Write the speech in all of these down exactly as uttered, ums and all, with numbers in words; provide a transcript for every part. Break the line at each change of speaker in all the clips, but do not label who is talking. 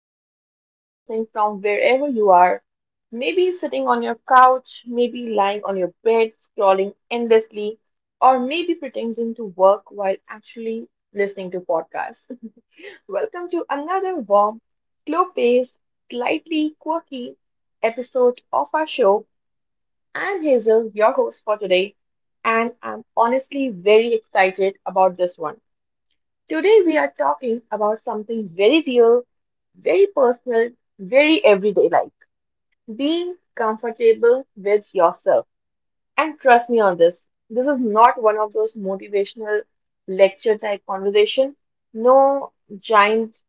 Hello, everyone listening from wherever you are. Maybe sitting on your couch, maybe lying on your bed, scrolling endlessly, or maybe pretending to work while actually listening to podcasts. Welcome to another warm, slow paced, slightly quirky episode of our show. I'm Hazel, your host for today, and I'm honestly very excited about this one. Today we are talking about something very real, very personal, very everyday like being comfortable with yourself. And trust me on this, this is not one of those motivational lecture type conversation. No giant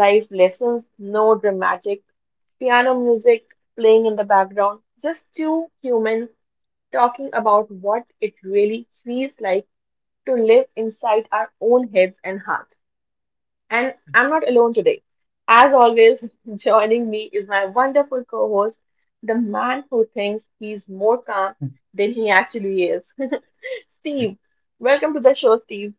life lessons, no dramatic piano music playing in the background, just two humans talking about what it really feels like to live inside our own heads and heart. And I'm not alone today. As always, joining me is my wonderful co host, the man who thinks he's more calm than he actually is. Steve, welcome to the show, Steve.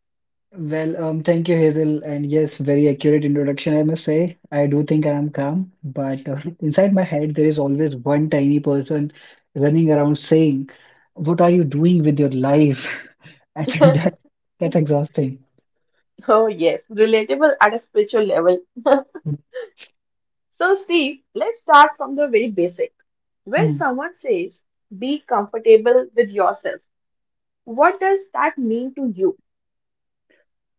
Well, um, thank you, Hazel. And yes, very accurate introduction, I must say. I do think I am calm, but uh, inside my head, there is always one tiny person running around saying, what are you doing with your life? I think that that's exhausting.
Oh, yes, relatable at a spiritual level. So, Steve, let's start from the very basic. When
Hmm.
someone says, be comfortable with yourself, what does that mean to you?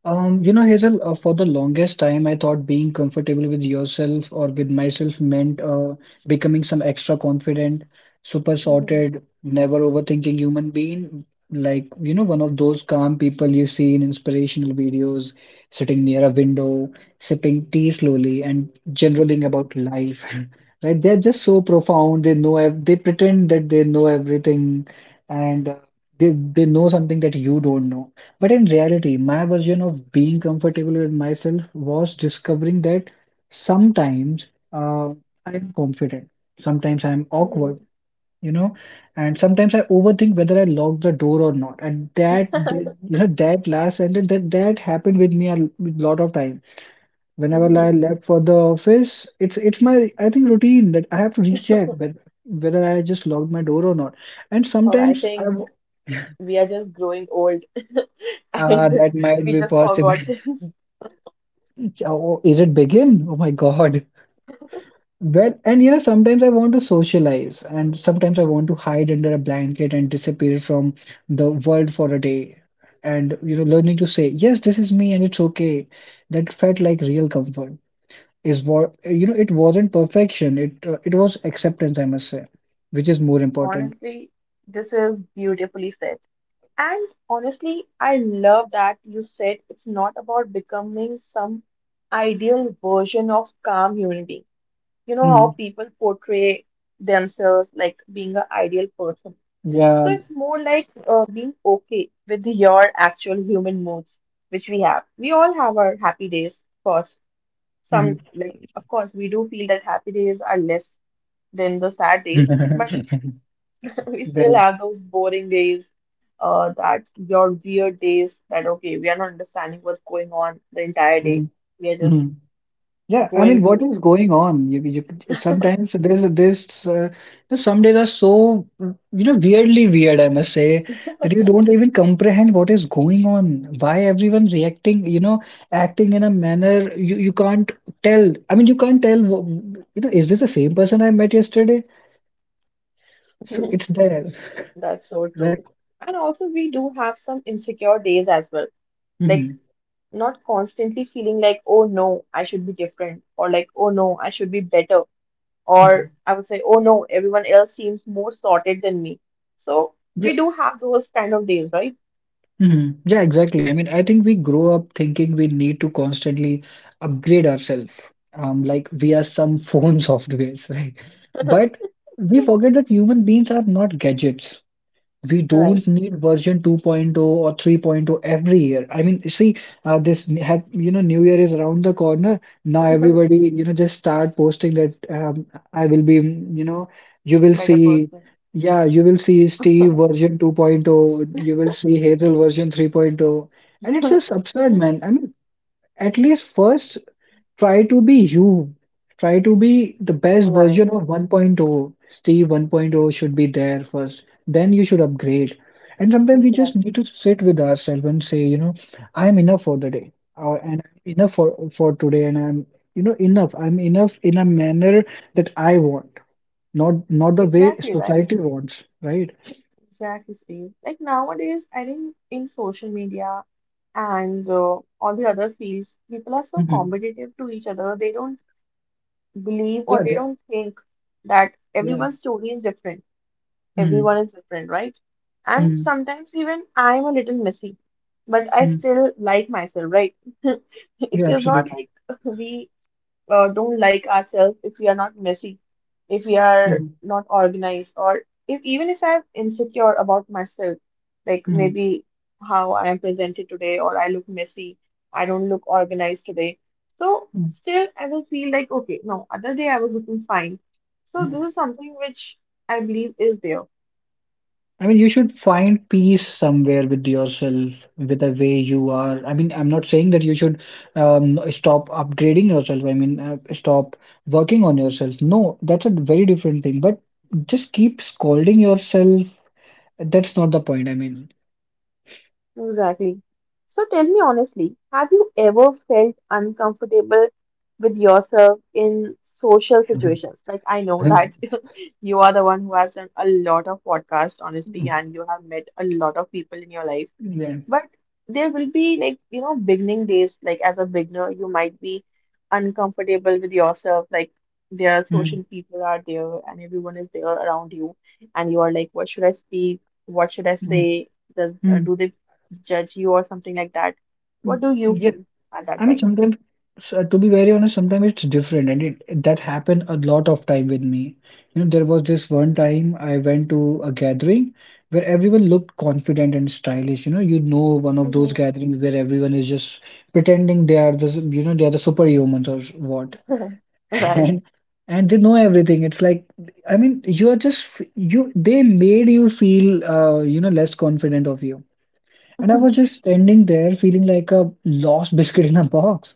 Um, you know, Hazel, uh, for the longest time, I thought being comfortable with yourself or with myself meant uh, becoming some extra confident, super
Mhm,
sorted, never overthinking human being. Like, you know, one of those calm people you see in inspirational videos, sitting near a window, sipping tea slowly and generaling about life. Right? They're just so profound. They know, ev they pretend that they know everything and uh, they, they know something that you don't know. But in reality, my version of being comfortable with myself was discovering that sometimes uh, I'm confident, sometimes I'm awkward, you know, and sometimes I overthink whether I lock the door or not. And that, that
mhm.
you know, that last sentence, that that happened with me a l- lot of time. Whenever I left for the office, it's it's my I think routine that I have to recheck whether whether I just locked my door or not. And
Or I
sometimes I
think
w-
we are just growing old
ah,
and
that might
we
be
just
possible.
forgot things.
Oh, is it begin? Oh my God. Well, and you know, sometimes I want to socialize, and sometimes I want to hide under a blanket and disappear from the world for a day. And you know, learning to say, yes, this is me, and it's okay. That felt like real comfort. Is what you know, it wasn't perfection. It uh, it was acceptance, I must say, which is more important.
Honestly, this is beautifully said. And honestly, I love that you said it's not about becoming some ideal version of calm human being. You know how
Hmm.
people portray themselves like being an ideal person. So
Yeah.
it's more like uh, being okay with your actual human moods, which we have. We all have our happy days, of course.
Hmm.
Some like of course we do feel that happy days are less than the sad days, but we still
Well.
have those boring days, uh that your weird days, that okay, we are not understanding what's going on the entire day,
Hmm.
we are just
Hmm. Yeah, I
going
mean, what
through.
is going on? You, you could- sometimes there's a- there's uh, there's some days are so, you know, weirdly weird, I must say, that you don't even comprehend what is going on, why everyone reacting, you know, acting in a manner you you can't tell. I mean, you can't tell, wh- you know, is this the same person I met yesterday? So it's there,
That's so true,
right?
and also we do have some insecure days as well, like not constantly feeling like, oh no, I should be different, or like, oh no, I should be better,
Hmm.
or I would say, oh no, everyone else seems more sorted than me. So we do have those kind of days, right?
Mhm. Yeah, exactly. I mean, I think we grow up thinking we need to constantly upgrade ourselves, um, like we are some phone softwares, right? But we forget that human beings are not gadgets, we don't
Right.
need version 2.0 or 3.0 every year. I mean, see, uh, this n- hap- you know, New Year is around the corner. Now everybody, you know, just start posting that um, I will be, mm, you know, you will
Better
see,
person.
yeah, you will see Steve version 2.0, you will see Hazel version 3.0, and it's just absurd, man. I mean, at least first try to be you. Try to be the best version
Right.
of 1.0. Steve 1.0 should be there first. Then you should upgrade. And sometimes we just need
Exactly.
to sit with ourselves and say, you know, I'm enough for the day, or and I'm enough for for today, and I'm, you know, enough. I'm enough in a manner that I want, not not the way
Exactly, right?
society wants, right?
Exactly, Steve. Like nowadays, I think in social media and uh, all the other fields, people are so
Hmm.
competitive to each other. They don't believe
Yeah,
or they
yeah,
don't think that
yeah.
everyone's story is different.
Mm-hmm.
Everyone is different, right? And
Mm-hmm.
sometimes even I'm a little messy, but I
Mm-hmm.
still like myself, right? It
Yeah,
is not
absolutely.
like we uh, don't like ourselves if we are not messy, if we are
Mm-hmm.
not organized, or if even if I'm insecure about myself, like
Mm-hmm.
maybe how I am presented today, or I look messy, I don't look organized today. So still, I will feel like, okay, no, other day I was looking fine. So this is
Mm-hmm.
something which I believe is there.
I mean, you should find peace somewhere with yourself, with the way you are. I mean, I'm not saying that you should um, stop upgrading yourself. I mean, uh, stop working on yourself. No, that's a very different thing. But just keep scolding yourself. That's not the point. I mean,
Exactly. So tell me honestly, have you ever felt uncomfortable with yourself in social situations? Like, I know
yeah.
that you are the one who has done a lot of podcasts, honestly, and you have met a lot of people in your life. But there will be like, you know, beginning days, like as a beginner, you might be uncomfortable with yourself. Like there are
Mm,
social people are there and everyone is there around you. And you are like, what should I speak? What should I
mm,
say? Does uh,
mm,
do they judge you or something like that?
mm.
What do you
Yes,
feel at that
I mean,
time?
sometimes, so to be very honest, sometimes it's different, and it that happened a lot of time with me. You know, there was this one time I went to a gathering where everyone looked confident and stylish. You know, you know, one of those
Mhm.
gatherings where everyone is just pretending they are the, you know, they are the superhumans or what,
Right.
and and they know everything. It's like, I mean, you are just f- you. They made you feel, uh, you know, less confident of you. And I was just standing there feeling like a lost biscuit in a box.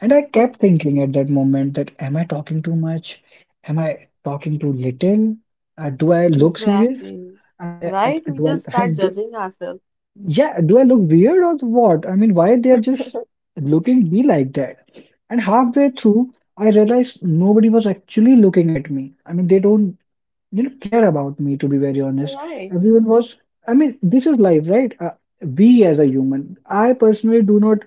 And I kept thinking at that moment that am I talking too much? Am I talking too little? Uh, do I look serious?
Exactly.
I mean, uh, uh,
Right? We
do
just
I,
start
do,
judging ourselves.
yeah, do I look weird or what? I mean, why they're just looking me like that? And halfway through, I realized nobody was actually looking at me. I mean, they don't, you know, care about me, to be very honest.
Right.
Everyone was, I mean, this is life, right? Uh, we as a human, I personally do not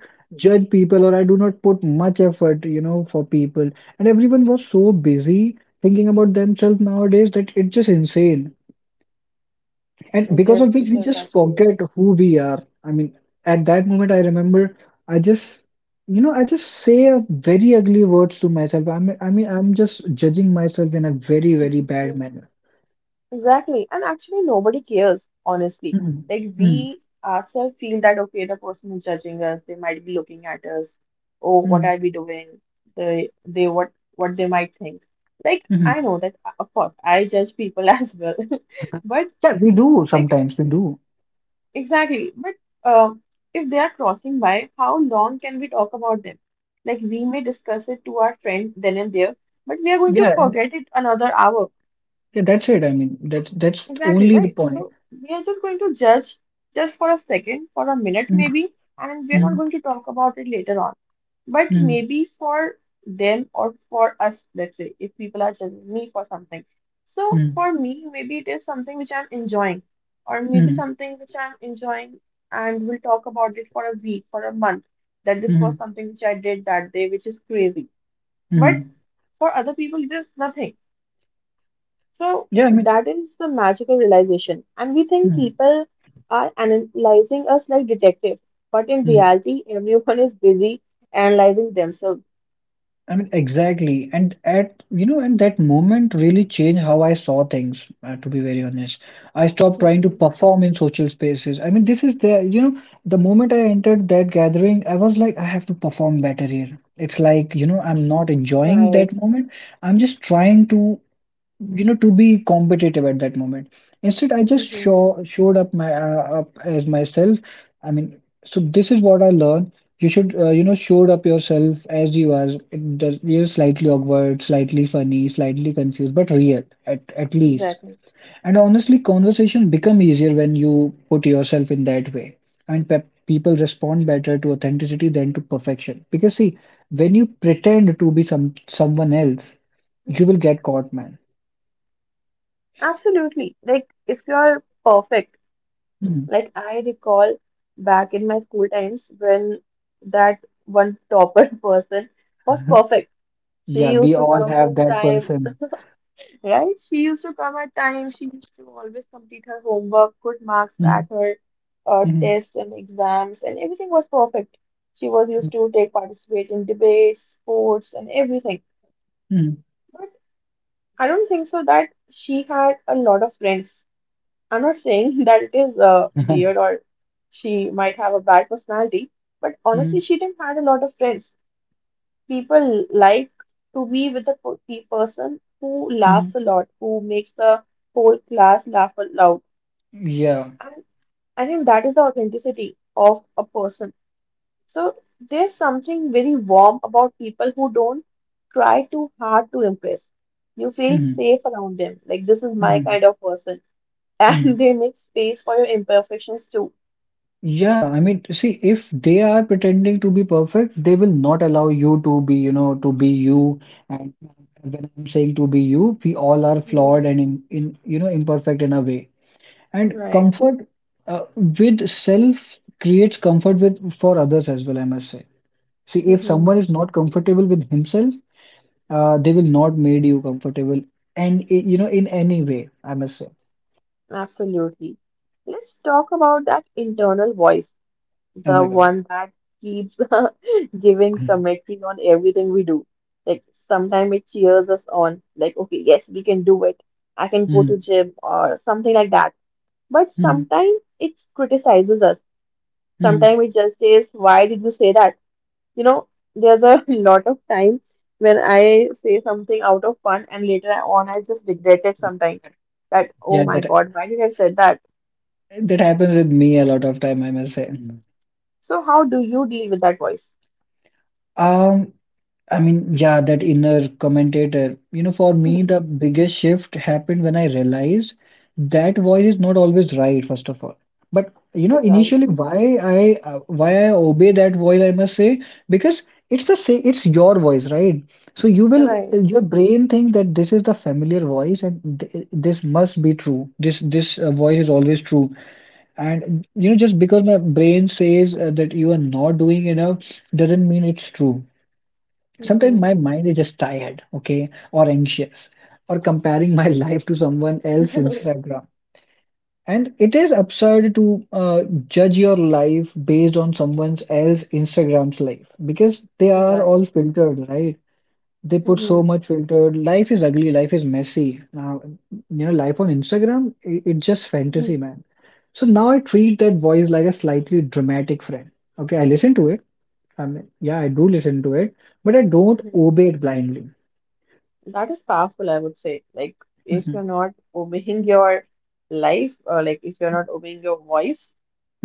judge people, or I do not put much effort, you know, for people. And everyone was so busy thinking about themselves nowadays that it's just insane, and
It
because of
is,
which
it
we
is
just
actually is.
forget who we are. I mean, at that moment I remember I just, you know, I just say a very ugly words to myself. I mean i mean I'm just judging myself in a very very bad manner.
Exactly. And actually, nobody cares, honestly.
Mm-mm.
Like,
Mm.
we ourselves feel that, okay, the person is judging us. They might be looking at us. Oh, what
Mm,
are we doing? They, they, what, what they might think. Like, I
mhm.
know that, uh, of course, I judge people as well. But,
Yeah, we do
like,
sometimes. We do.
exactly. But, um, if they are crossing by, how long can we talk about them? Like, we may discuss it to our friend then and there, but we are going to
Yeah, and
forget it another hour.
yeah, that's it. I mean, that's that's
Exactly,
only the
right?
point.
So we are just going to judge just for a second, for a minute
Mm,
maybe, and we're not
mm,
going to talk about it later on. But
mm,
maybe for them or for us, let's say, if people are judging me for something. So
mm,
for me, maybe it is something which I'm enjoying, or maybe
mm,
something which I'm enjoying, and we'll talk about it for a week, for a month, that this was
mm,
something which I did that day, which is crazy. But
mm.
for other people, it is nothing, so
Yeah, I mean,
that is the magical realization. And we think
mm,
people are analyzing us like detectives, but in
mm.
reality, everyone is busy analyzing themselves.
I mean, exactly. And at, you know, and that moment really changed how I saw things, uh, to be very honest. I stopped trying to
Mhm.
perform in social spaces. I mean, this is the, you know, the moment I entered that gathering, I was like, I have to perform better here. It's like, you know, I'm not enjoying that
Right.
moment. I'm just trying to, you know, to be competitive at that moment. Instead I just
Mhm.
show showed up my uh, up as myself. I mean, so this is what I learned. You should uh, you know showed up yourself as you are. It does, you're slightly awkward, slightly funny, slightly confused, but real, at, at least.
Exactly.
And honestly conversation become easier when you put yourself in that way. I mean pe- people respond better to authenticity than to perfection, because see, when you pretend to be some someone else, you will get caught, man.
Absolutely. Like, if you're perfect,
Hmm.
like I recall back in my school times when that one topper person was perfect.
Yeah,
She used
we
to
all
come
have
in
that
time.
person.
Right? She used to come at times. She used to always complete her homework, good marks
Mhm,
at her uh,
mhm,
tests and exams, and everything was perfect. She was used to take participate in debates, sports, and everything.
mhm,
But I don't think so that she had a lot of friends. I'm not saying that it is uh,
mhm,
weird or she might have a bad personality, but honestly,
mhm,
she didn't had a lot of friends. People like to be with a po- pe- person who
mhm.
laughs a lot, who makes the whole class laugh aloud.
Yeah.
And I think that is the authenticity of a person. So there's something very warm about people who don't try too hard to impress. You feel
Mhm,
safe around them, like this is my
mhm,
kind of person. And
mhm.
they make space for your imperfections too.
Yeah, I mean, see, if they are pretending to be perfect, they will not allow you to be, you know, to be you. And when I'm saying to be you, we all are flawed
Mhm.
and in, in you know, imperfect in a way. And
Right.
comfort uh, with self creates comfort with for others as well, I must say. See, if
Hmm.
someone is not comfortable with himself, Uh, they will not made you comfortable, and i- you know, in any way, I must say.
Absolutely. Let's talk about that internal voice,
Oh
the
my God.
one that keeps giving commentary on everything we do. Like sometimes it cheers us on, like, okay, yes, we can do it. I can go to
Hmm.
gym or something like that. But
Hmm.
sometimes it criticizes us. Sometimes
Hmm.
it just says, why did you say that? You know, there's a lot of time when I say something out of fun and later on I just regret it sometimes. That, oh
Yeah,
my
that
God, why did I say that?
that happens with me a lot of time, I must say. Mhm.
So how do you deal with that voice?
Um, I mean, yeah, that inner commentator. You know, for me, the biggest shift happened when I realized that voice is not always right, first of all. But you know, initially, why I uh, why I obey that voice, I must say, because it's the say it's your voice, right? So you
Right,
will
right.
your brain think that this is the familiar voice and th this must be true. This this uh, voice is always true. And you know, just because my brain says uh, that you are not doing enough doesn't mean it's true. Sometimes
Mhm.
my mind is just tired, okay, or anxious, or comparing my life to someone else's Instagram. And it is absurd to uh, judge your life based on someone else's Instagram's life, because they are
Right.
all filtered, right? They put so
Mhm.
much filtered. Life is ugly, life is messy. Now, you know, life on Instagram, it, it's just
Mhm.
fantasy, man. So now I treat that voice like a slightly dramatic friend. Okay, I listen to it. I mean, yeah, I do listen to it, but I don't
Mhm.
obey it blindly.
That is powerful, I would say. Like, if you're
Mhm.
not obeying your life, or like if you're not obeying your voice,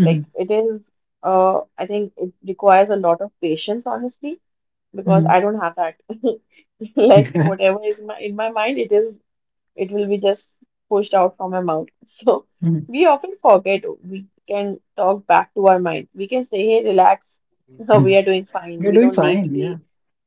like it is, uh, I think it requires a lot of patience, honestly, because I
Mhm.
don't have that. Like,
Yeah.
whatever is my in my mind, it is it will be just pushed out from my mouth. So
Mhm.
we often forget we can talk back to our mind. We can say, hey, relax. We
Mhm.
are doing fine.
You're
We
doing
don't need to
fine.
be
Yeah.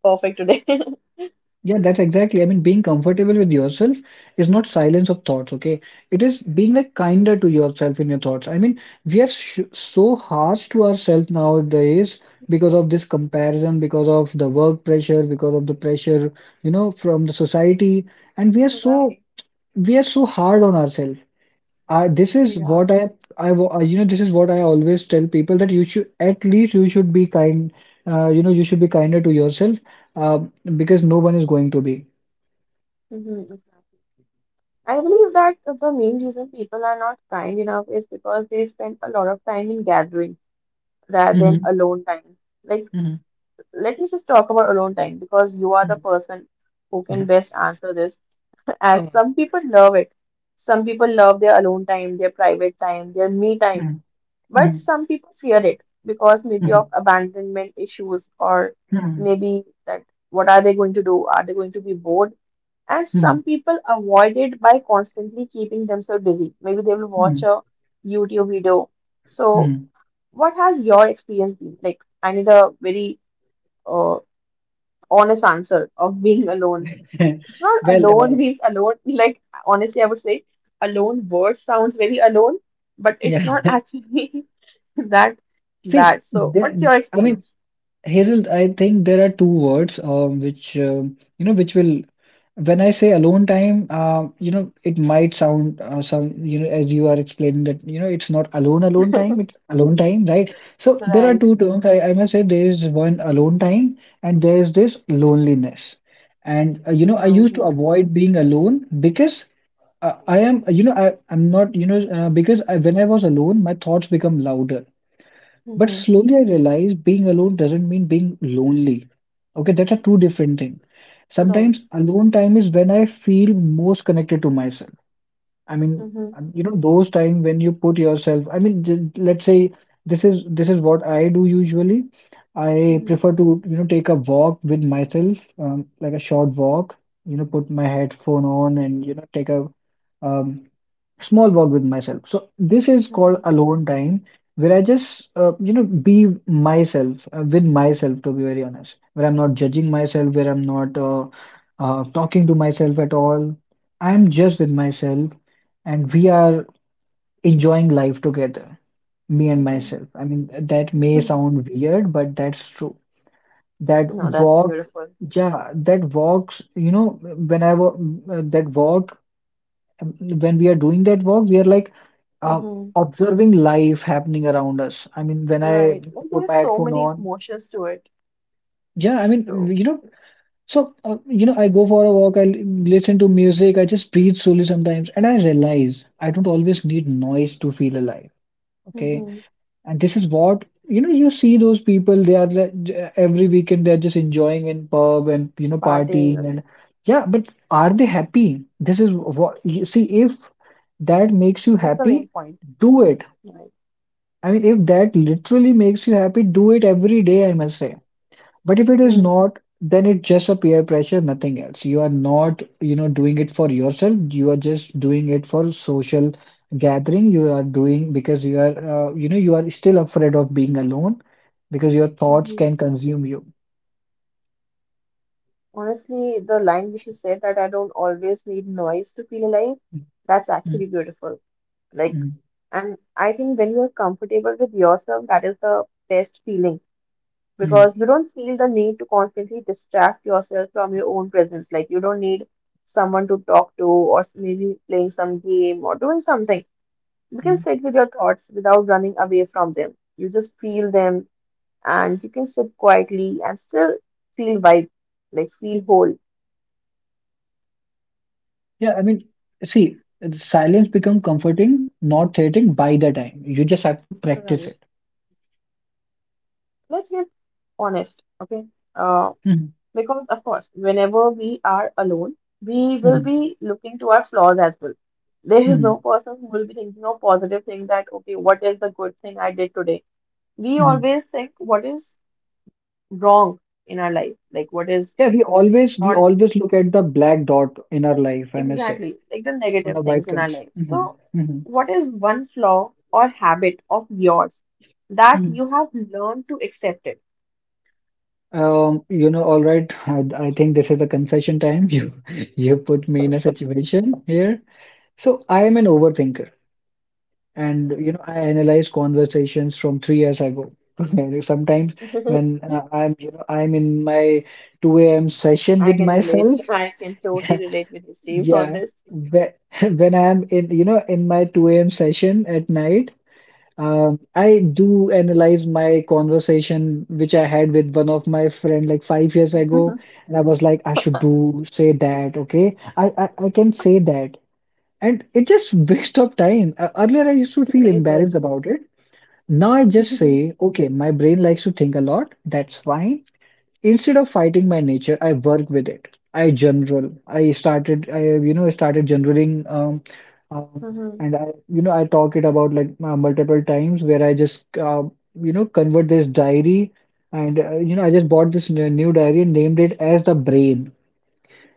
perfect today.
Yeah, that's exactly. I mean, being comfortable with yourself is not silence of thoughts, okay? It is being like kinder to yourself in your thoughts. I mean, we are sh so harsh to ourselves nowadays, because
Mhm.
of this comparison, because of the work pressure, because of the pressure, you know, from the society, and we are so
Right.
we are so hard on ourselves. I this is
Yeah.
what I I wa- uh, You know, this is what I always tell people, that you should at least you should be kind, uh, you know, you should be kinder to yourself, um, because no one is going to be.
Hmm. Exactly. I believe that the main reason people are not kind enough is because they spend a lot of time in gathering rather than
Mhm,
alone time. Like,
mhm,
let me just talk about alone time because you are the
mhm.
person who can best answer this. As
Oh,
some people love it. Some people love their alone time, their private time, their me time.
mhm,
But
mhm,
some people fear it because maybe of
mhm,
abandonment issues or
mhm,
maybe that, what are they going to do? Are they going to be bored? And
mhm,
some people avoid it by constantly keeping themselves busy. Maybe they will watch
mhm,
a YouTube video. So,
mhm.
what has your experience been? Like, I need a very uh, honest answer of being alone, it's not
Well,
alone
uh,
means alone. Like, honestly, I would say alone word sounds very alone, but it's
yeah.
not actually that
See,
that. So, what's
the,
your
I mean.
experience?
Hazel, I think there are two words um, which um, you know which will when I say alone time, um, you know it might sound uh, some you know as you are explaining that you know it's not alone alone time, it's alone time, right? So there are
Right.
two terms. I, I must say there is one alone time and there is this loneliness. And uh, you know I used to
Mm-hmm.
avoid being alone because uh, I am you know I I'm not you know uh, because I, when I was alone, my thoughts become louder. But
Mm-hmm.
slowly I realized being alone doesn't mean being lonely. Okay, that's a two different thing.
Right.
Sometimes alone time is when I feel most connected to myself. I mean,
Mm-hmm.
um, you know, those time when you put yourself, I mean, j- let's say this is this is what I do usually. I
Mm-hmm.
prefer to, you know, take a walk with myself, um, like a short walk, you know, put my headphone on and, you know, take a um, small walk with myself. So this is called alone time, where I just, uh, you know, be myself, uh, with myself, to be very honest, where I'm not judging myself, where I'm not uh, uh, talking to myself at all. I'm just with myself and we are enjoying life together, me and
Mm-hmm.
myself. I mean, that may
Mm-hmm.
sound weird, but that's true. That
No, that's
walk,
beautiful.
yeah, that walks, you know, when I wa- uh, that walk, um, when we are doing that walk, we are like uh,
Mm-hmm.
observing life happening around us. I mean, when I
Right. Like
put my
there's so
headphone
many
on,
emotions to it.
yeah, I
So
mean, you know, so uh, you know, I go for a walk, I l- listen to music, I just breathe slowly sometimes, and I realize I don't always need noise to feel alive. Okay.
mm-hmm.
And this is what, you know, you see those people, they are like, j- every weekend they're just enjoying in pub and, you know,
Parting,
partying and
right.
yeah, but are they happy? This is what you see, if that makes you
That's the main
happy,
point.
do it.
Right.
I mean, if that literally makes you happy, do it every day, I must say. But if it is not, then it's just a peer pressure, nothing else. You are not, you know, doing it for yourself. You are just doing it for social gathering. You are doing because you are, uh, you know, you are still afraid of being alone because your thoughts
Mm-hmm.
can consume you.
Honestly, the line which you said that I don't always need noise to feel alive, that's
Mm,
actually beautiful. Like,
mm,
and I think when you are comfortable with yourself, that is the best feeling
mm,
because you don't feel the need to constantly distract yourself from your own presence. Like, you don't need someone to talk to, or s- maybe playing some game or doing something. You can
mm.
sit with your thoughts without running away from them. You just feel them and you can sit quietly and still feel vibe, like, feel whole.
Yeah, I mean, see, silence become comforting, not threatening by the time. You just have to practice
Right.
it.
Let's get honest, okay? Uh,
Mhm,
because of course, whenever we are alone, we will
mhm,
be looking to our flaws as well. There is no
mhm,
person who will be thinking of positive thing that, okay, what is the good thing I did today? We
mhm.
always think what is wrong in our life, like what is
Yeah, we always we
not
always look at the black dot in our life, I must say.
exactly like the
On the
negative
white
things in
can.
our life.
Hmm,
So,
hmm,
what is one flaw or habit of yours that
hmm.
you have learned to accept it?
Um, you know, all right. I, I think this is the confession time. You you put me in a situation here. So I am an overthinker, and you know, I analyze conversations from three years ago. And sometimes when uh, I'm you know I'm in my two a m session
I
with
can relate.
myself.
I can totally relate with you, Steve, on
Yeah,
this.
when when I'm in you know in my two a m session at night, Um, I do analyze my conversation which I had with one of my friend like five years ago, and I was like, I should do say that, okay? I I, I can say that, and it just waste of time. Uh, earlier, I used to feel
It
embarrassed
is.
about it. Now I just say, okay, my brain likes to think a lot. That's fine. Instead of fighting my nature, I work with it. I general. I started. I you know started generaling. Um, um,
Mm-hmm.
and I you know I talk it about like uh, multiple times where I just uh, you know convert this diary and uh, you know I just bought this n- new diary and named it as the brain,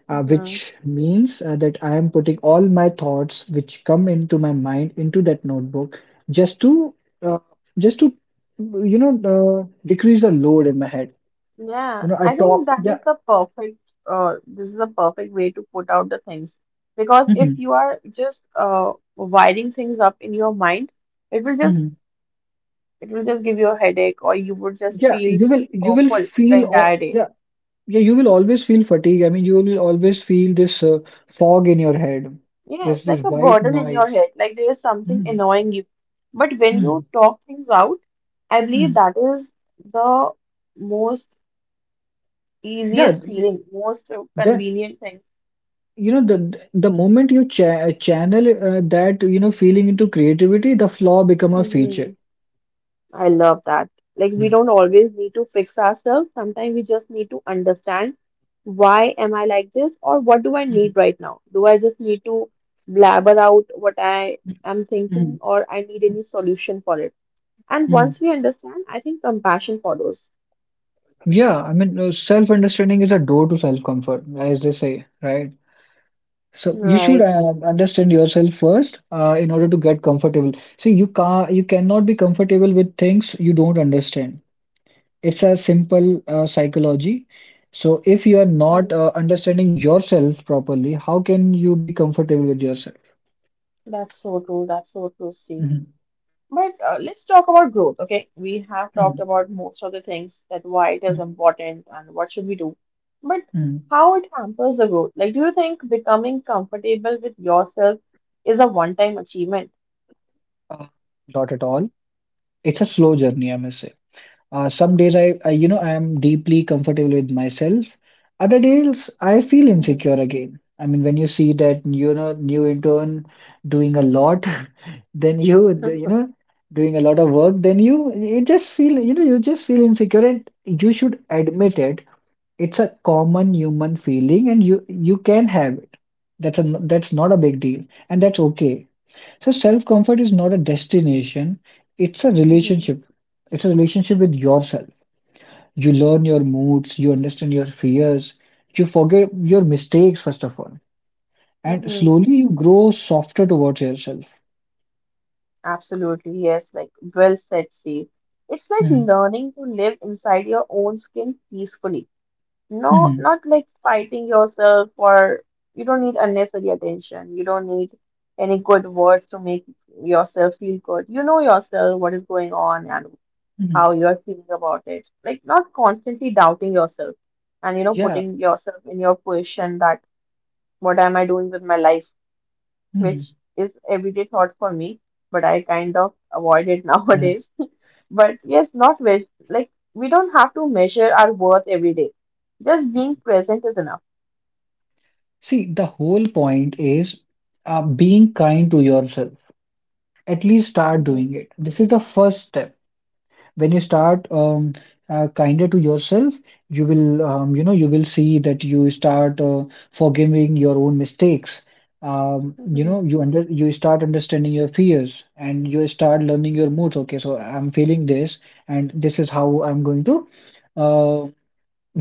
uh,
Mm-hmm.
which means uh, that I am putting all my thoughts which come into my mind into that notebook just to uh, just to you know uh, decrease the load in my head.
Yeah,
You know, I
I think
talk,
that
yeah,
is the perfect, uh, this is the perfect way to put out the things. Because if
mhm,
you are just uh, wiring things up in your mind, it will just
mhm.
it will just give you a headache or you would just
Yeah,
feel
you will you will
awful the
feel or
entire day.
yeah yeah you will always feel fatigue. I mean, you will always feel this uh, fog in your head,
Yeah,
this
it's like
this
a
white
burden in your
noise.
head, like there is something
Mm,
annoying you. But when you
mm,
talk things out, I believe
mm.
that is the most
Yeah,
easiest feeling, most uh,
that
convenient thing.
you know the the moment you cha channel uh, that you know feeling into creativity, the flaw become a feature.
Hmm. I love that. Like we
Mhm,
don't always need to fix ourselves. Sometimes we just need to understand why am I like this or what do I
mhm,
need right now? Do I just need to blabber out what I am thinking
mhm,
or I need any solution for it? And
mhm.
once we understand, I think compassion follows.
Yeah, I mean, uh, self-understanding is a door to self-comfort, as they say, right? So you should
Right.
uh, understand yourself first uh, in order to get comfortable. See, you can you cannot be comfortable with things you don't understand. It's a simple uh, psychology. So if you are not
Mhm.
uh, understanding yourself properly, how can you be comfortable with yourself?
That's so true. That's so true, Steve.
Mhm,
But uh, let's talk about growth, okay? We have talked
mhm,
about most of the things that why it is
mhm,
important and what should we do. But
mhm.
how it hampers the growth. Like, do you think becoming comfortable with yourself is a one-time achievement?
Uh, not at all. It's a slow journey, I must say. Uh, some days I, I, you know, I am deeply comfortable with myself. Other days I feel
Mhm.
insecure again. I mean, when you see that, you know, new intern doing a lot, then you, the- you know, doing a lot of work, then you, you just feel, you know, you just feel insecure and you should admit it. It's a common human feeling and you, you can have it. That's a, that's not a big deal and that's okay. So self-comfort is not a destination. It's a
Mm-hmm.
relationship. It's a relationship with yourself. You learn your moods, you understand your fears, you forget your mistakes, first of all. And
Mm-hmm.
slowly you grow softer towards yourself.
Absolutely, yes. Like, well said, Steve. It's like
Hmm,
learning to live inside your own skin peacefully. No,
hmm,
not like fighting yourself or you don't need unnecessary attention. You don't need any good words to make yourself feel good. You know yourself, what is going on and
hmm.
how you're feeling about it. Like not constantly doubting yourself and you know
Yeah.
putting yourself in your position that what am I doing with my life,
Hmm.
which is everyday thought for me, but I kind of avoid it
Yeah.
nowadays. But yes, not wish like we don't have to measure our worth every day. Just being present is enough.
See, the whole point is uh, being kind to yourself. At least start doing
Mm-hmm.
it. This is the first step. When you start um, uh, kinder to yourself, you will, um, you know, you will see that you start uh, forgiving your own mistakes. Um, you
Mm-hmm.
know, you under you start understanding your fears and you start learning your moods. Okay, so I'm feeling this, and this is how I'm going to uh,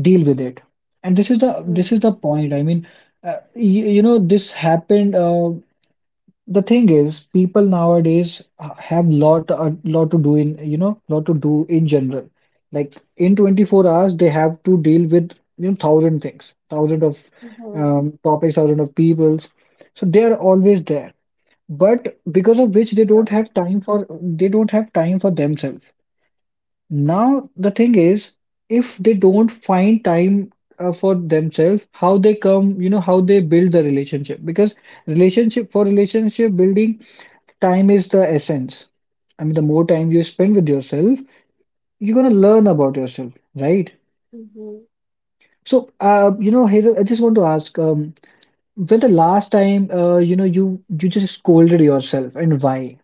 deal with it. And this is the this
Mm-hmm.
is the point. I mean, uh, you, you know, this happened. Uh, the thing is, people nowadays uh, have lot a lot to do in you know lot to do in general. Like in twenty-four hours, they have to deal with you know thousand things, thousand of
Mm-hmm.
um, topics, thousand of peoples. So they are always there, but because of which they don't
Right.
have time for they don't have time for themselves. Now the thing is, if they don't find time uh, for themselves, how they come, you know, how they build the relationship because relationship for relationship building time is the essence. I mean, the more time you spend with yourself, you're gonna learn about yourself, right?
Mm-hmm.
So, uh, you know, Hazel, I just want to ask, um, when the last time, uh, you know, you you just scolded yourself and why?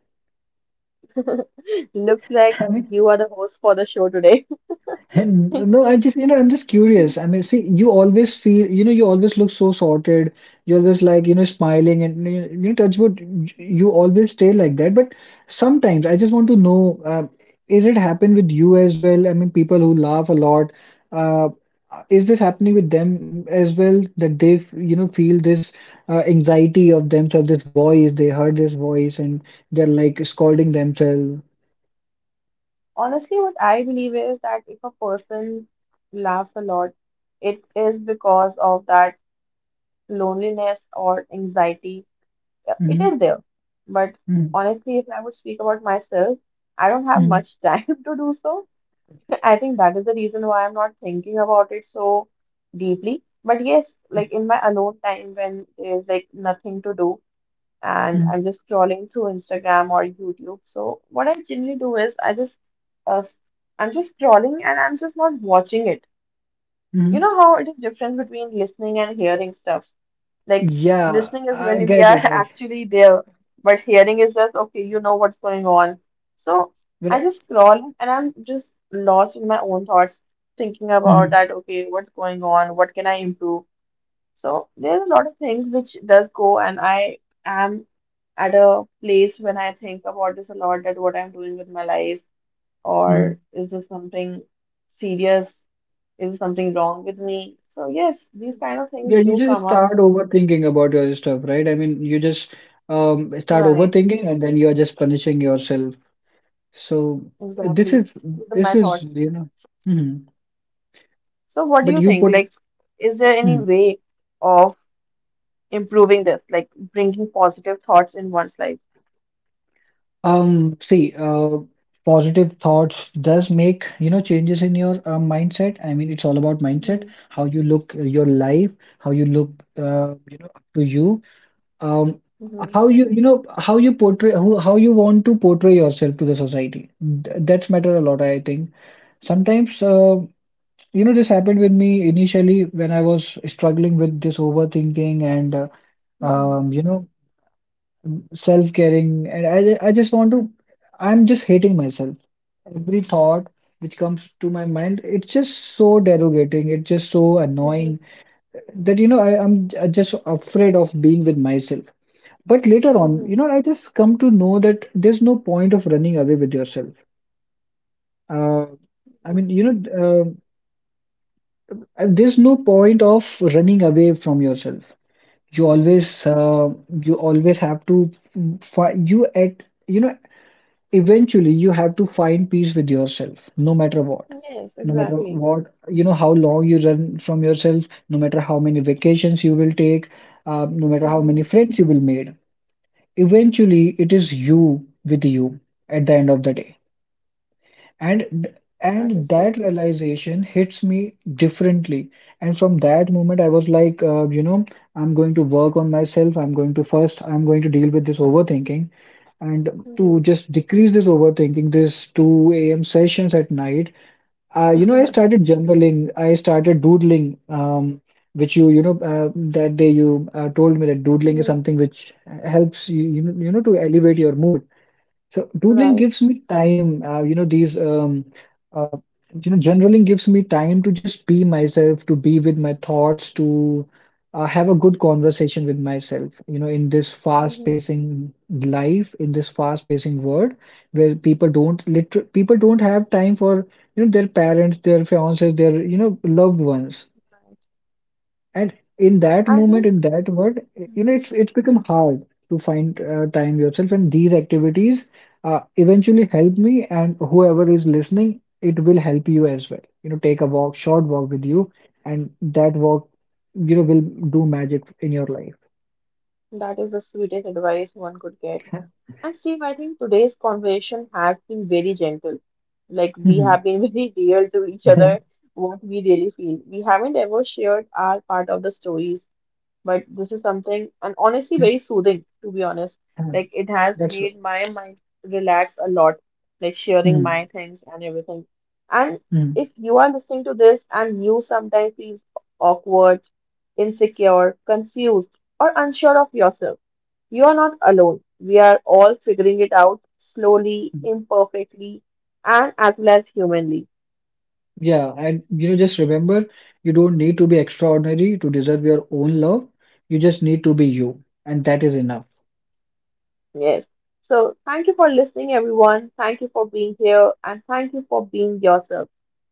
Looks like you are the host for the show today.
And no, I just, you know, I'm just curious. I mean, see, you always feel, you know, you always look so sorted. You're always like, you know, smiling and, you know, touch wood, y- you
Mhm.
always stay like that. But sometimes I just want to know, uh, is it happen with you as well? I mean, people who laugh a lot, uh, is this happening with them as well that they, f- you know, feel this uh, anxiety of themselves, this voice, they heard this voice and they're like scolding themselves.
Honestly, what I believe is that if a person laughs a lot, it is because of that loneliness or anxiety. Yeah, it
Hmm,
is there. But
hmm,
honestly, if I would speak about myself, I don't have
hmm,
much time to do so. I think that is the reason why I'm not thinking about it so deeply. But yes, like in my alone time when there's like nothing to do and I'm just scrolling through Instagram or YouTube. So what I generally do is I just uh, s- I'm just scrolling and I'm just not watching it. You
hmm.
know how it is different between listening and hearing stuff. Like
Yeah,
listening is
I
when we
get
are
it. I
actually there, but hearing is just okay, you know what's going on. So I
well,
just scroll and I'm just lost in my own thoughts, thinking about
mm-hmm,
that, okay, what's going on, what can I improve? So there's a lot of things which does go and I am at a place when I think about this a lot that what I'm doing with my life
hmm.
or is this something serious? Is something wrong with me? So yes, these kind of things
Yeah, you
do
just
come up.
start overthinking about your stuff, right? I mean, you just um, start
Right.
overthinking, and then you are just punishing yourself. So this
Exactly.
is
These are my
this is
thoughts.
you know, mhm.
So, what do
But
you
you
think?
put
Like, is there any
mhm.
way of improving this, like bringing positive thoughts in one's life?
Um, see, uh, positive thoughts does make you know changes in your uh, mindset. I mean, it's all about mindset,
Mm-hmm.
how you look uh, your life, how you look, uh, you know, up to you. um
Mm-hmm.
how you you know how you portray who how you want to portray yourself to the society. Th- that's matter a lot I think sometimes uh, you know this happened with me initially when I was struggling with this overthinking and uh,
Mm-hmm.
um you know self-caring and I ju- I just want to I'm just hating myself every thought which comes to my mind it's just so derogating it's just so
Mm-hmm.
annoying that you know I, I'm j- just afraid of being with myself but later on, you
Mm-hmm.
know, I just come to know that there's no point of running away with yourself. Uh, I
Mm-hmm.
mean, you know, uh, there's no point of running away from yourself. You always, uh, you always have to find you at, you know, eventually you have to find peace with yourself, no matter what.
Yes,
No matter
exactly.
what, you know, how long you run from yourself, no matter how many vacations you will take, uh, no matter how many
Mm-hmm.
friends you will make, eventually, it is you with you at the end of the day. And
That
and
is so
that
true.
realization hits me differently. And from that moment, I was like, uh, you know, I'm going to work on myself. I'm going to first, I'm going to deal with this overthinking. And to just decrease this overthinking, this two a m sessions at night, uh, you know, I
Mm-hmm.
started journaling. I started doodling, um, which you, you know, uh, that day you uh, told me that doodling is
Mm-hmm.
something which helps you, you know, you know, to elevate your mood. So doodling
Right.
gives me time, uh, you know, these, um, uh, you know, journaling gives me time to just be myself, to be with my thoughts, to uh, have a good conversation with myself, you know, in this
Mm-hmm.
fast-pacing life, in this fast-pacing world where people don't liter people don't have time for, you know, their parents, their fiancés, their, you know, loved ones.
Right.
And in that
I
moment,
think
in that word, you know,
mm-hmm.
it's it's become hard to find uh, time yourself, and these activities uh, eventually help me, and whoever is listening, it will help you as well. You know, take a walk, short walk with you, and that walk, you know, will do magic in your life.
that is the sweetest advice one could get. And Steve, I think today's conversation has been very gentle. Like we
Mhm.
have been very real to each other, what we really feel. We haven't ever shared our part of the stories, but this is something, and honestly, very soothing, to be honest. Like, it has
That's true.
made my mind relax a lot, like sharing
Mhm.
my things and everything. And
Mhm.
if you are listening to this and you sometimes feel awkward, insecure, confused, or unsure of yourself, you are not alone. We are all figuring it out slowly, imperfectly, and as well as humanly.
Yeah, and you know, just remember, you don't need to be extraordinary to deserve your own love. You just need to be you, and that is enough.
Yes. So thank you for listening, everyone. Thank you for being here and thank you for being yourself.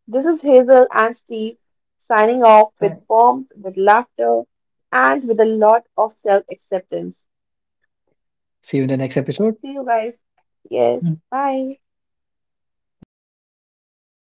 This is Hazel and Steve signing off
Bye.
with warmth, with laughter, and with a lot of self acceptance.
See you in the next episode.
See you guys. Yes.
Mm.
Bye.
Bye,